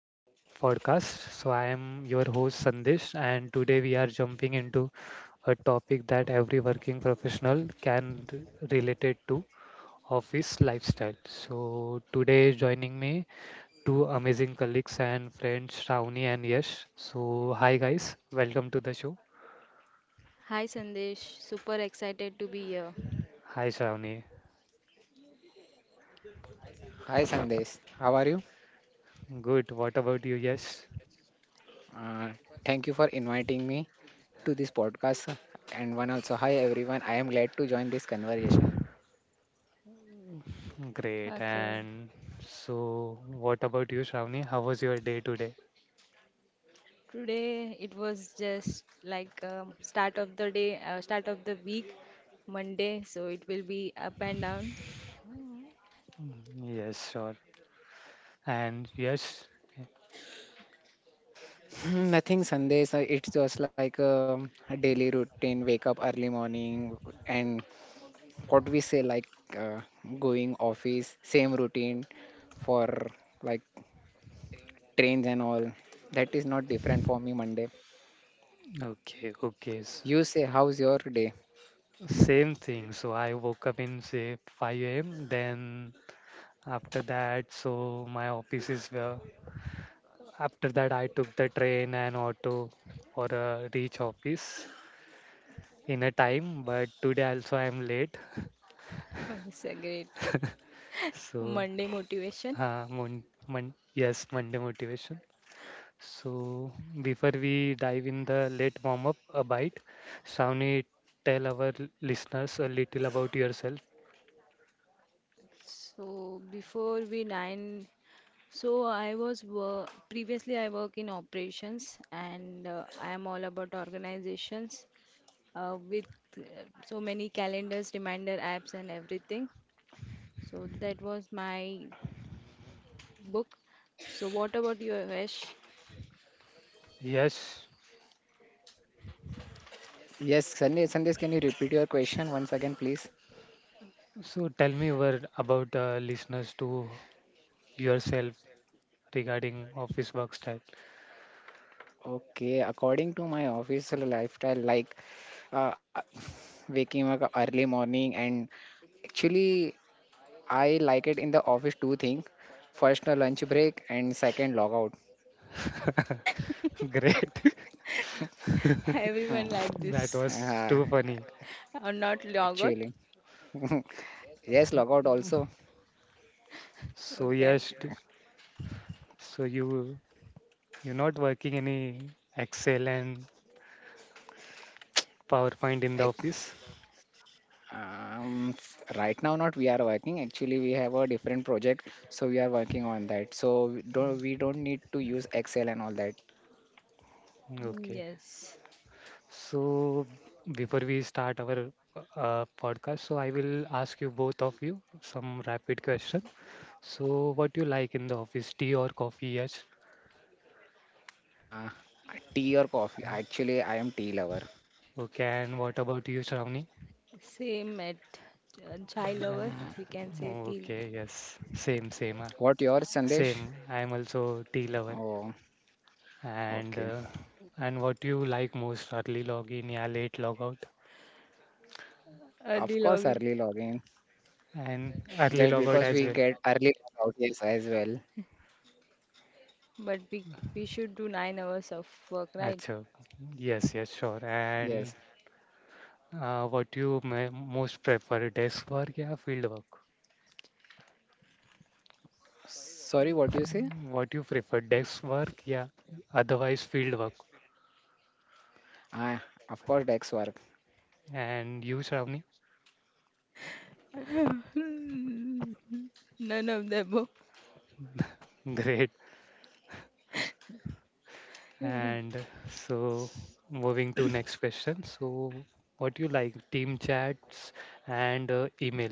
Connect podcast. So, I am your host Sandesh, and today we are jumping into a topic that every working professional can relate it to office lifestyle. So, today joining me two amazing colleagues and friends, Shravani and Yash. So, hi guys, welcome to the show. Hi Sandesh, super excited to be here. Hi Shravani, Hi Sandesh, how are you? good. What about you, Yash? Uh, Thank you for inviting me to this podcast. And one also, hi everyone. I am glad to join this conversation. Great. Okay. And so, what about you, Shravani? How was your day today? Today it was just like start of the day, start of the week, Monday. So it will be up and down. Mm, yes, sure. And yes, eh, Hmm. Nothing, Sandesh. It's just like a daily routine. Wake up early morning, and what we say like uh, going office. Same routine for like trains and all. That is not different for me Monday. okay, okay. You say, how's your day? Same thing. So I woke up in say 5 a.m. Then after that, so my office is where. After that, I took the train and auto for a reach office in a time. But today also I am late. It's a great So Monday motivation. uh, mon- yes, Monday motivation. So before we dive in the late warm up a bite, Shawnee, tell our listeners a little about yourself. So before we nine, so I was wor previously I work in operations and I am all about organizations with uh, so many calendars, reminder apps and everything. So that was my book. So what about you, Yash? Yes. Yes, Sandesh. Sandesh, can you repeat your question once again, please? So tell me more about listeners to yourself regarding office work style. Okay, according to my official lifestyle, like uh, waking up early morning, and actually, I like it in the office two things. First, a lunch break, and second, logout. Great. Everyone Out. Hmm. like That this. was Uh, too funny. Or not yogurt. Actually, yes, logout also. So Okay. yes, so you you're not working any Excel and PowerPoint in Ac- the office? Um, right now, not we are working. Actually, we have a different project, so we are working on that. So we don't need to use Excel and all that. Mm, Okay. yes, So before we start our podcast, so I will ask you both of you some rapid question. So what do you like in the office, tea or coffee? Yes. Uh, Tea or coffee? Actually, I am tea lover. Okay, and what about you, Shravani? same at child hour. Hmm. We can say Uh, till, Okay, yes, What your Sandesh? same. I am also tea lover. Oh, And okay. uh, and what do you like most? Early login, yeah, late logout, early Of course, login. early login. and early Just logout because as we well. get early logout, yes, as well. But we should do 9 hours of work, right? Achha, yes, yes, sure. Yes. And what you may most prefer, desk work or field work? Sorry, what you say? Mm, what you prefer, desk work, yeah, otherwise field work. Ah, of course, Dex work. And you, Shravani? None of the above. Great. And so, moving to next question. So, what you like, team chats and email?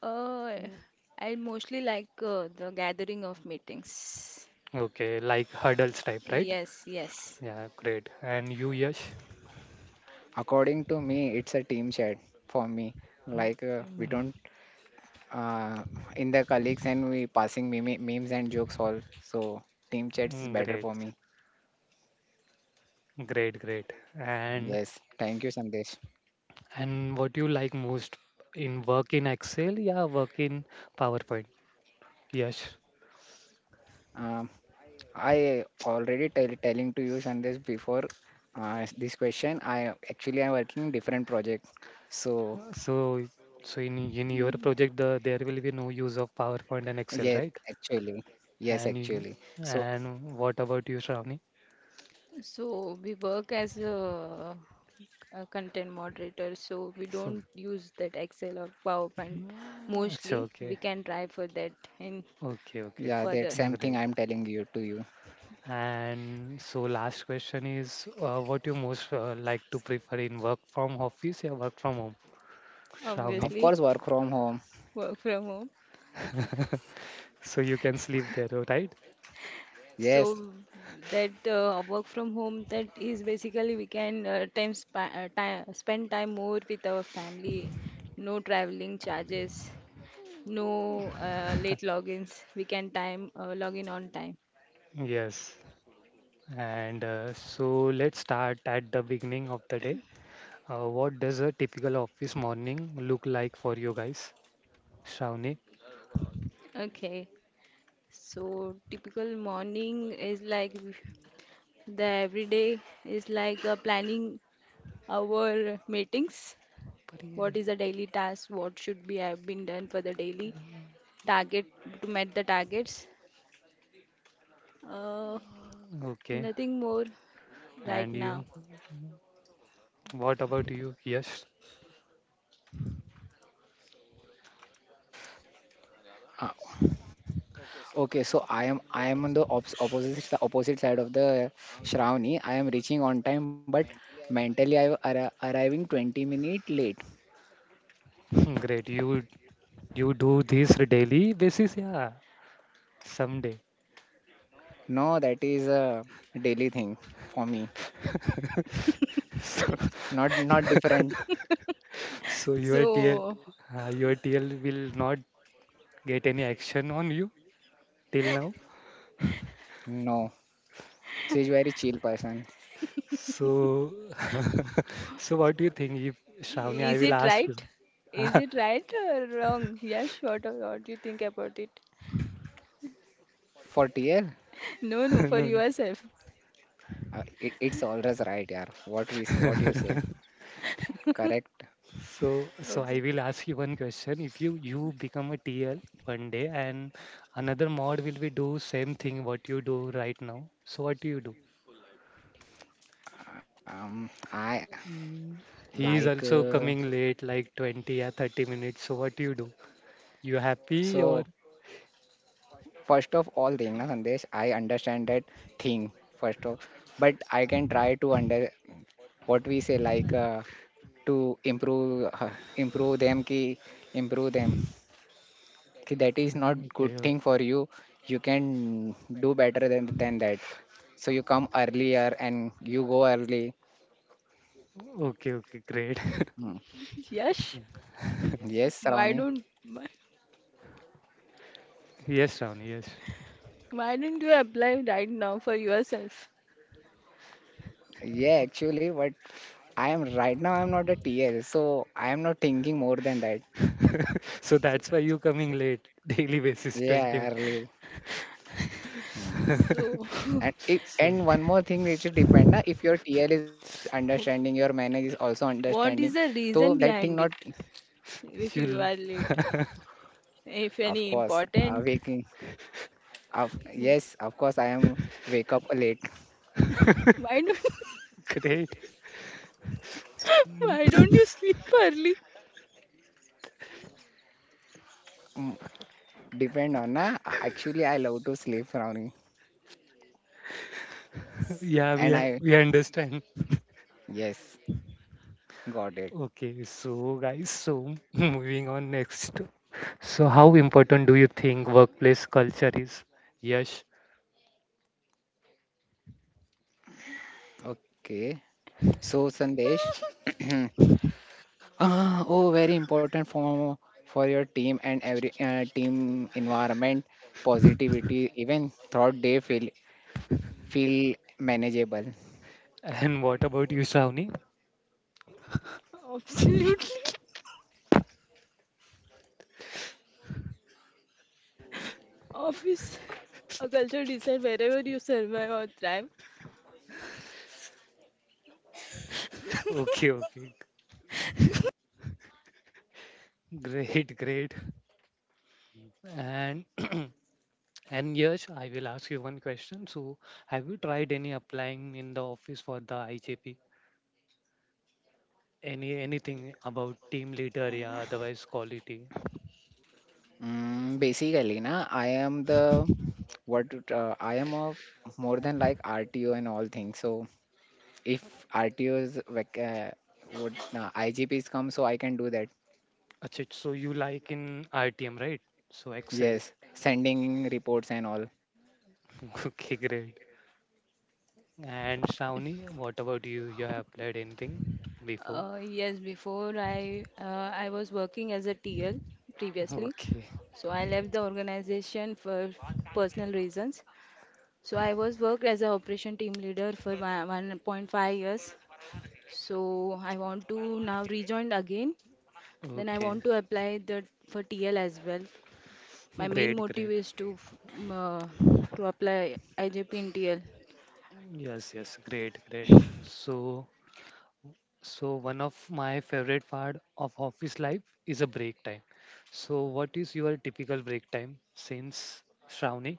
Uh, Mm, I mostly like the gathering of meetings. okay, like hurdles type, right? Yes, yes. Yeah, great. And you, Yash? According to me, it's a team chat for me. Like Mm, we don't uh, in the colleagues and we passing memes and jokes all. So team chats is Great, better for me. great, great. And Yes. Thank you, Sandesh. And what do you like most in work in Excel, yeah, work in PowerPoint. Yes. Uh, I already telling to you Sandesh before this question. I actually am working in different project. So So in your project there will be no use of PowerPoint and Excel, yes, right? actually, yes, And in- actually. So and what about you, Shravani? So we work as a content moderator, so we So don't use that Excel or PowerPoint mm, अच्छा, mostly. okay. We can try for that in Okay, okay. yeah, that further. same thing Great. I'm telling you to you. And so last question is what you most like to prefer in work from office or work from home, Shravani? Of Obviously, course, work from home. work from home. So you can sleep there, right? Yes. So that work from home, that is basically we can time spend time more with our family. No traveling charges, no late logins. We can time login on time. Yes. And so let's start at the beginning of the day. What does a typical office morning look like for you guys? Shravani? Okay. So typical morning is like the everyday is like planning our meetings. What is the daily task? What should be have been done for the daily target to meet the targets? Uh, Okay. nothing more right And now. you? What about you? Yes. Uh, okay. So I am on the opposite opposite side of the Shravani. I am reaching on time, but mentally I am arriving 20-minute late. Great. You do this daily basis? Yeah. Someday. No, that is a daily thing for me. Not different. So, so your TL So your TL will not get any action on you till now. No, she's very chill person. So so what do you think if Shravani, I is will it ask you. right? Is it right or wrong? Yes, what do you think about it? For TL, No, no, for No, no. yourself. It's always right, yeah. What we say, what you say, correct. So, so Okay. I will ask you one question. If you become a TL one day and another mod will be do same thing what you do right now, so what do you do? I Mm, like he is also coming late, like 20 or 30 minutes. So what do? You happy so. or First of all, thing, na Sandesh, I understand that thing first of, but I can try to under what we say like to improve them ki improve them. Ki that is not good okay, thing for you. You can do better than that. So you come earlier and you go early. Okay, great. Hmm. Yes. Yes, Why Ravani. don't? Yes, Ron, yes. Why don't you apply right now for yourself? Yeah, actually, but I am right now. I'm not a TL, so I am not thinking more than that. So that's why you coming late daily basis 20 Yeah, early. Hmm. So, And if, minutes. So and one more thing, it should depend. Na, if your TL is understanding, your manager is also understanding. what is the So that reason thing not, behind it? If you you'll are late, if of any course, important, waking. Of Yes, of course, I am wake up late. why don't great. why don't you sleep early? Hmm. Depend on na. Actually, I love to sleep, Ravani. Yeah, And I, we understand. yes, got it. Okay, so guys, so moving on next. So, how important do you think workplace culture is? Yes. Okay. So, Sandesh, ah, oh, very important for your team and every team environment, positivity, even throughout day feel manageable. And what about you, Shravani? Absolutely. Office, a culture decide wherever you survive or thrive. Okay, okay. Great, great. And and yes, I will ask you one question. So, have you tried any applying in the office for the IJP? Any anything about team leader, yeah, otherwise quality? Basically, na, I am the what I am a more than like RTO and all things. So if RTOs would IGPs come, so I can do that. Achha, so you like in RTM, right? So Excel. Yes, sending reports and all. Okay, great. And Shravani, what about you? You have played anything before? Yes, before I was working as a TL previously, Okay, so I left the organization for personal reasons. So I was worked as a operation team leader for 1.5 years. So I want to now rejoin again. Then I okay, want to apply that for TL as well. My main great, motive great. is to apply IJP in TL. Yes, yes, great, great. So, so one of my favorite part of office life is a break time. So, what is your typical break time since Shravani?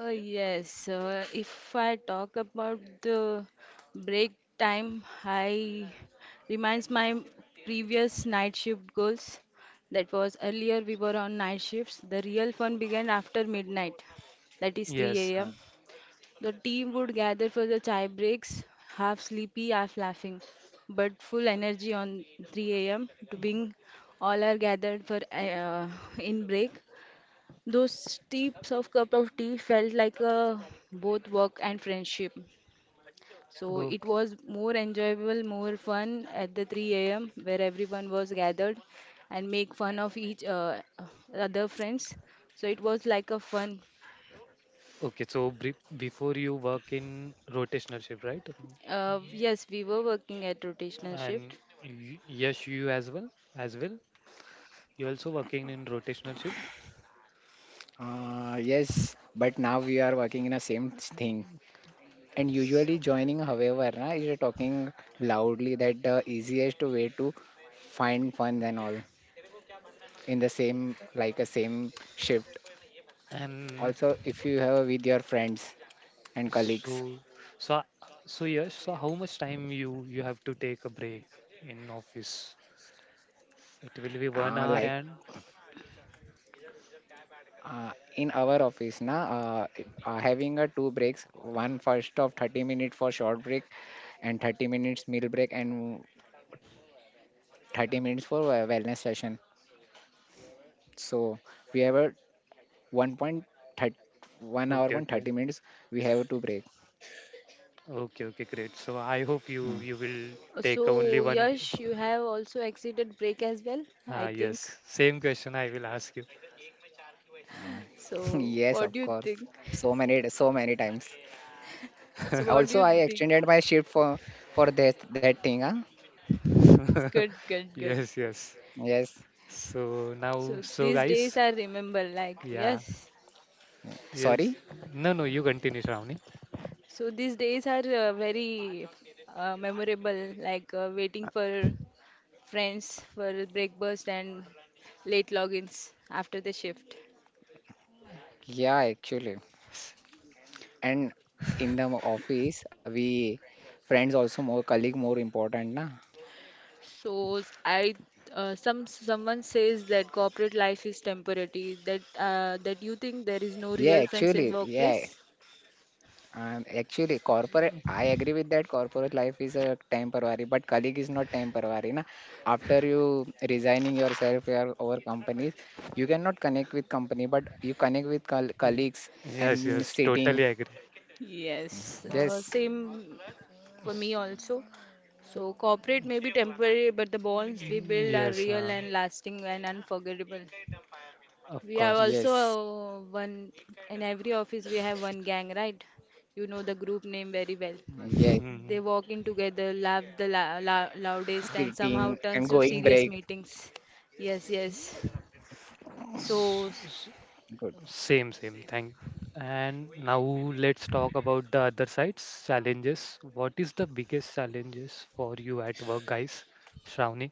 Yes, if I talk about the break time, I reminds my previous night shift goals. That was earlier we were on night shifts. The real fun began after midnight, that is 3 Yes. Huh. a.m. The team would gather for the chai breaks, half sleepy, half laughing, but full energy on 3 a.m. to being all are gathered for in break. Those steeps of cup of tea felt like a both work and friendship. So it Okay. was more enjoyable, more fun at the 3 a.m. where everyone was gathered and make fun of each other friends. So it was like a fun. Okay. So before you work in rotational shift, right? Yes, we were working at rotational And shift. y yes, you as well, as well. You also working in rotational shift. Yes, but now we are working in a same thing. And usually joining, however, na, is talking loudly that the easiest way to find funds and all in the same, like a same shift. And Also, if you have with your friends and colleagues, so, so, so yes. So how much time you have to take a break in office? It will be one hour like and in our office, na, having a two breaks, one first of 30 minutes for short break and 30 minutes meal break and 30 minutes for a wellness session. So we have a 1:30 1 hour 130 okay, minutes we have to break. Okay, great. So I Hmm. hope you will take only So one. Yash, you have also exited break as well, Ah, I think. yes. Same question I will ask you. So yes, what of do you course. think? So many times. So what do Also you I think? extended my shift for that thing, huh? It's good, good, good. Yes, yes. Yes. So now, So so these days guys, I remember, like, yeah, yes. yes. Sorry? No, no, you continue, Shravani. So these days are very memorable, like waiting for friends for breakfast and late logins after the shift. Yeah, actually. And in the office we friends also more colleague more important na. So s- I Some someone says that corporate life is temporary, that that you think there is no Yeah, real friends in actually, yeah. workplace. And actually, corporate, I agree with that. Corporate life is a temporary, but colleague is not temporary. Na? After you resigning yourself your over companies, you cannot connect with company, but you connect with col Ye- colleagues Yes, and yes, sitting. totally agree. Yes, Yes, same for me S- also. So corporate may be temporary, but the bonds we mm, build are yes, real and lasting and unforgettable. of We have course. also yes, one in every office we have one gang, right? You know the group name very well. yes, Hmm. They walk in together, laugh the la la loudest, and sitting somehow and turns to going break. serious meetings. Yes, yes. So, S- s- Good. Same, same. Thank. And now let's talk about the other sides, challenges. What is the biggest challenges for you at work, guys? Shravani?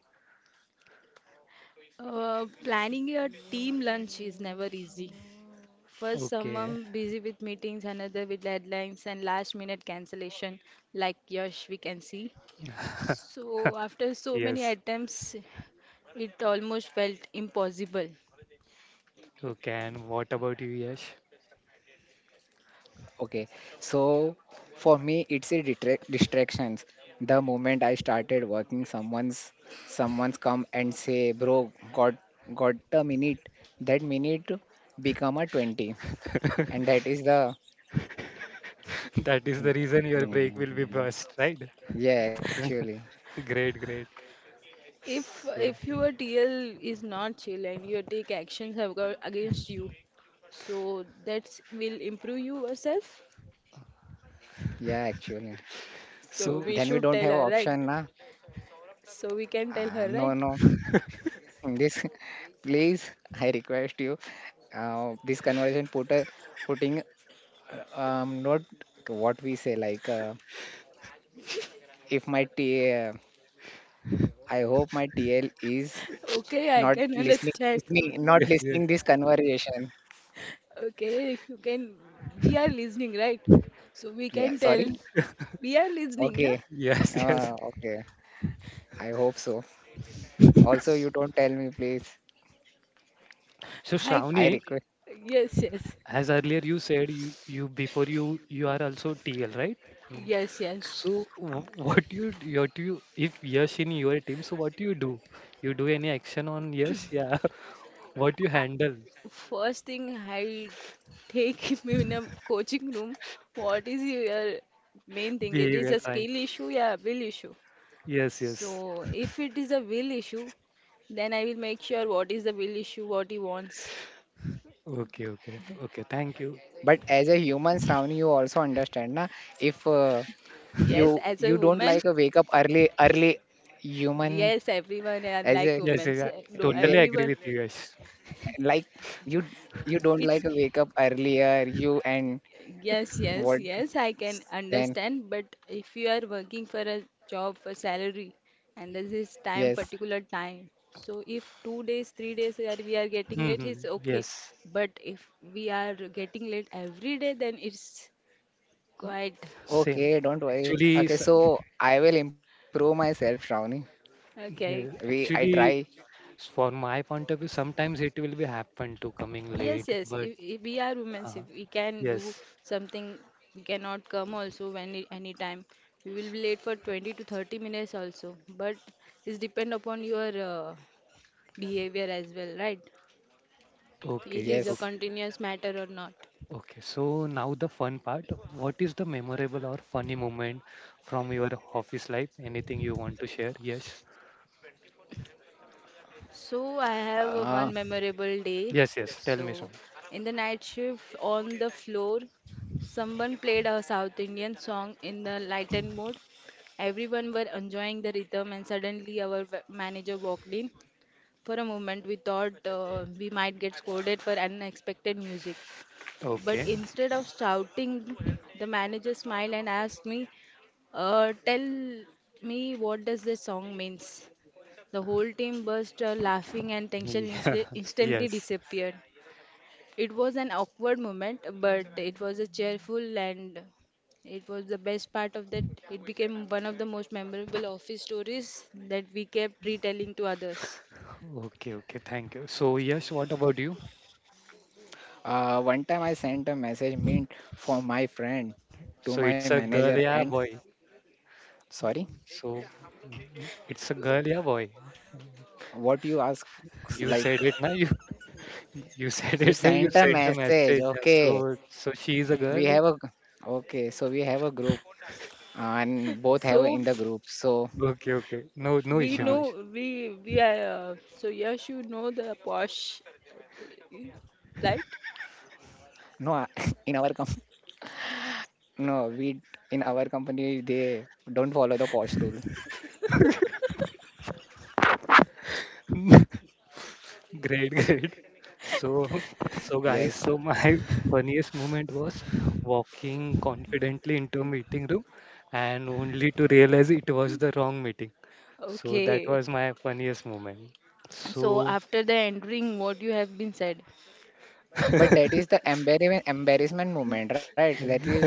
planning a team lunch is never easy. First, Okay. someone busy with meetings, another with deadlines and last minute cancellation, like Yash, we can see. So, after so many Yes. attempts, it almost felt impossible. Okay. And what about you, Yash? Okay, so for me, it's a distractions. The moment I started working, someone's come and say, "Bro, got got a minute." That minute become a 20, and that is the. That is the reason your break will be Mm, burst, right? yeah, actually, Great, great. If So, if your TL is not chill and you take actions have got against you, so that will improve you yourself. yeah, actually. So so we Then we should don't tell have a her, right? option, na? So we can tell Ah, her, no, right? no. This, please, I request you. This conversation putting not what we say like. If my TL, I hope my TL is Okay, I not can understand. Not yes, listening this conversation. Okay, you can. We are listening, right? So we Yeah, can tell. sorry. We are listening, na? Okay. Yes. Okay. I hope so. Also, you don't tell me, please. So, I can. I Shravani, request. Yes, yes, as earlier you said you you before you you are also TL, right? Mm. yes, yes. So what do what do you if Yash in your team, so what do you do, you do any action on Yash, yeah? What you I, handle first thing I take him in a coaching room. What is your main thing? It is behavior, a right? skill issue, yeah, will issue. Yes, yes, So if it is a will issue, then I will make sure what is the will issue, what he wants. okay, okay thank you. But as a human, Shravani, you also understand, na? If Yes, you as a you don't woman, like a wake up early human yes, everyone are as like a. Yes, women. So, yes, I no, Yeah, totally agree everyone, with you Yash. like you you don't it, like a wake up earlier. You and yes, yes, what yes, I can then? understand. But if you are working for a job for salary, and this is time, Yes. particular time. So if 2 days, 3 days are we are getting late, it's Hmm, okay. yes, But if we are getting late every day, then it's quite same. Okay, don't worry. Actually Okay, s- so I will improve myself, Shravani. We, okay. yeah, I try. actually s- For my point of view, sometimes it will be happen to coming Yes, late, yes. but If we are women, uh, if we can yes. do something, we cannot come also any time. We will be late for 20 to 30 minutes also. But it's depend upon your behavior as well, right? It Okay, is a Yes. Continuous matter or not. okay. so now the fun part. What is the memorable or funny moment from your office life? Anything you want to share? Yes. So I have a Uh, one memorable day. Yes, yes. Tell me some. So in the night shift on the floor, someone played a South Indian song in the lightened mood. Everyone were enjoying the rhythm, and suddenly our manager walked in. For a moment, we thought we might get scolded for unexpected music. But Okay. instead of shouting, the manager smiled and asked me, tell me, what does this song means? The whole team burst out laughing and Yeah. instantly Yes. disappeared. It was an awkward moment, but it was a cheerful and it was the best part of that. It became one of the most memorable office stories that we kept retelling to others. Okay, okay. Thank you. So, yes, what about you? One time I sent a message meant for my friend to So my it's a manager girl, yeah, and boy. sorry, So mm, it's a girl, yeah, boy. what you ask You said like it now. You you said you it now. You sent a sent a message. message. Yeah. Okay, So so she is a we girl. have a we have a group and both have a, So in the group. So Okay, okay. No, no we issue, no uh, know issue. we are so yes, you know the Posh, right? no, in our com no, we in our company they don't follow the posh rule. Great, great. So, so Yes. guys, so my funniest moment was walking confidently into a meeting room and only to realize it was the wrong meeting. So that Okay, was my funniest moment. So, so after the entering, what you have been said, But that is the embarrassment moment, right? That is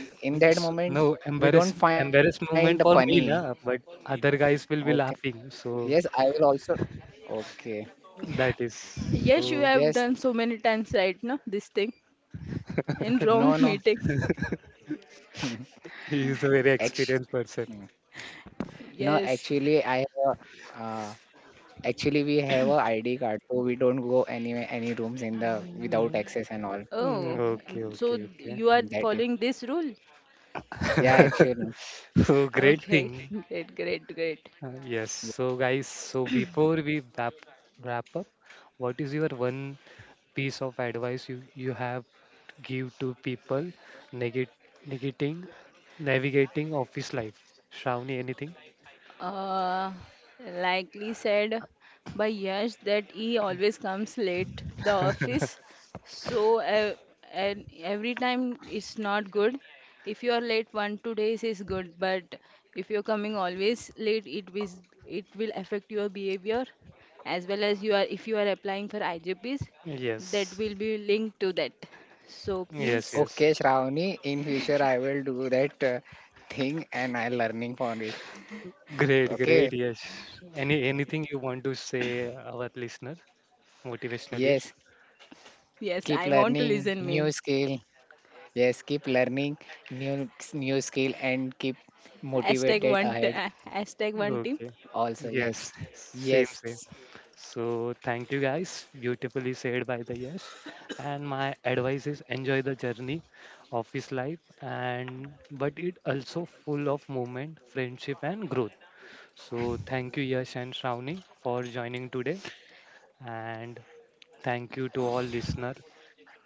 in that moment no we don't find the embarrassed funny. moment for me, na, but other Okay. guys will be laughing. Yes, I So will also. Okay. that is yes, you so Yes. have done so many times right now this thing in wrong No, no. meetings. he is a very experienced Actually, person. no. Yes. Actually, I have. Uh, Actually, we have a ID card, so we don't go anywhere, any rooms in the without Mm, access and all. Oh, Okay, so you are That is. following this rule? Yeah, actually. so great Okay, thing. great, great, great. Yeah. Yes, so guys, so before we wrap up, what is your one piece of advice you have to give to people negate, negating navigating office life? Shravani, anything? Uh, likely said by Yash that he always comes late to the office. So, and every time it's not good. If you are late one, 2 days is good, but if you're coming always late, it is it will affect your behavior as well as you are if you are applying for IJPs, that Yes, will be linked to that. So yes, please, yes. Okay, Shravani, in future I will do that thing and I learning for it. great, great. Okay. Yes. Any anything you want to say our listener motivational? Yes. Yes. yes, Keep I want to learning listen, new main. skill, yes, keep learning new skill and keep Hashtag motivated one, t- ahead. #OneTeam. Okay. Also, yes, Yes. Same, yes, same. So thank you guys. Beautifully said by the Yash. And my advice is enjoy the journey, office life, and but it also full of movement, friendship, and growth. So thank you Yash and Shravani for joining today, and thank you to all listener.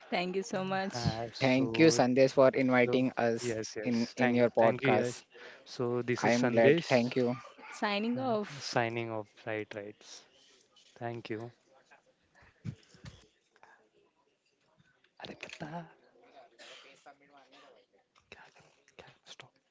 Thank you so much. Uh, thank you so Sandesh for so inviting us yes, in yes, in your thank you podcast. Yash. So this I is am glad. Sandesh Thank you. Signing off. signing off. Right right. Thank you. अरे बता, क्या करूं, क्या- stop.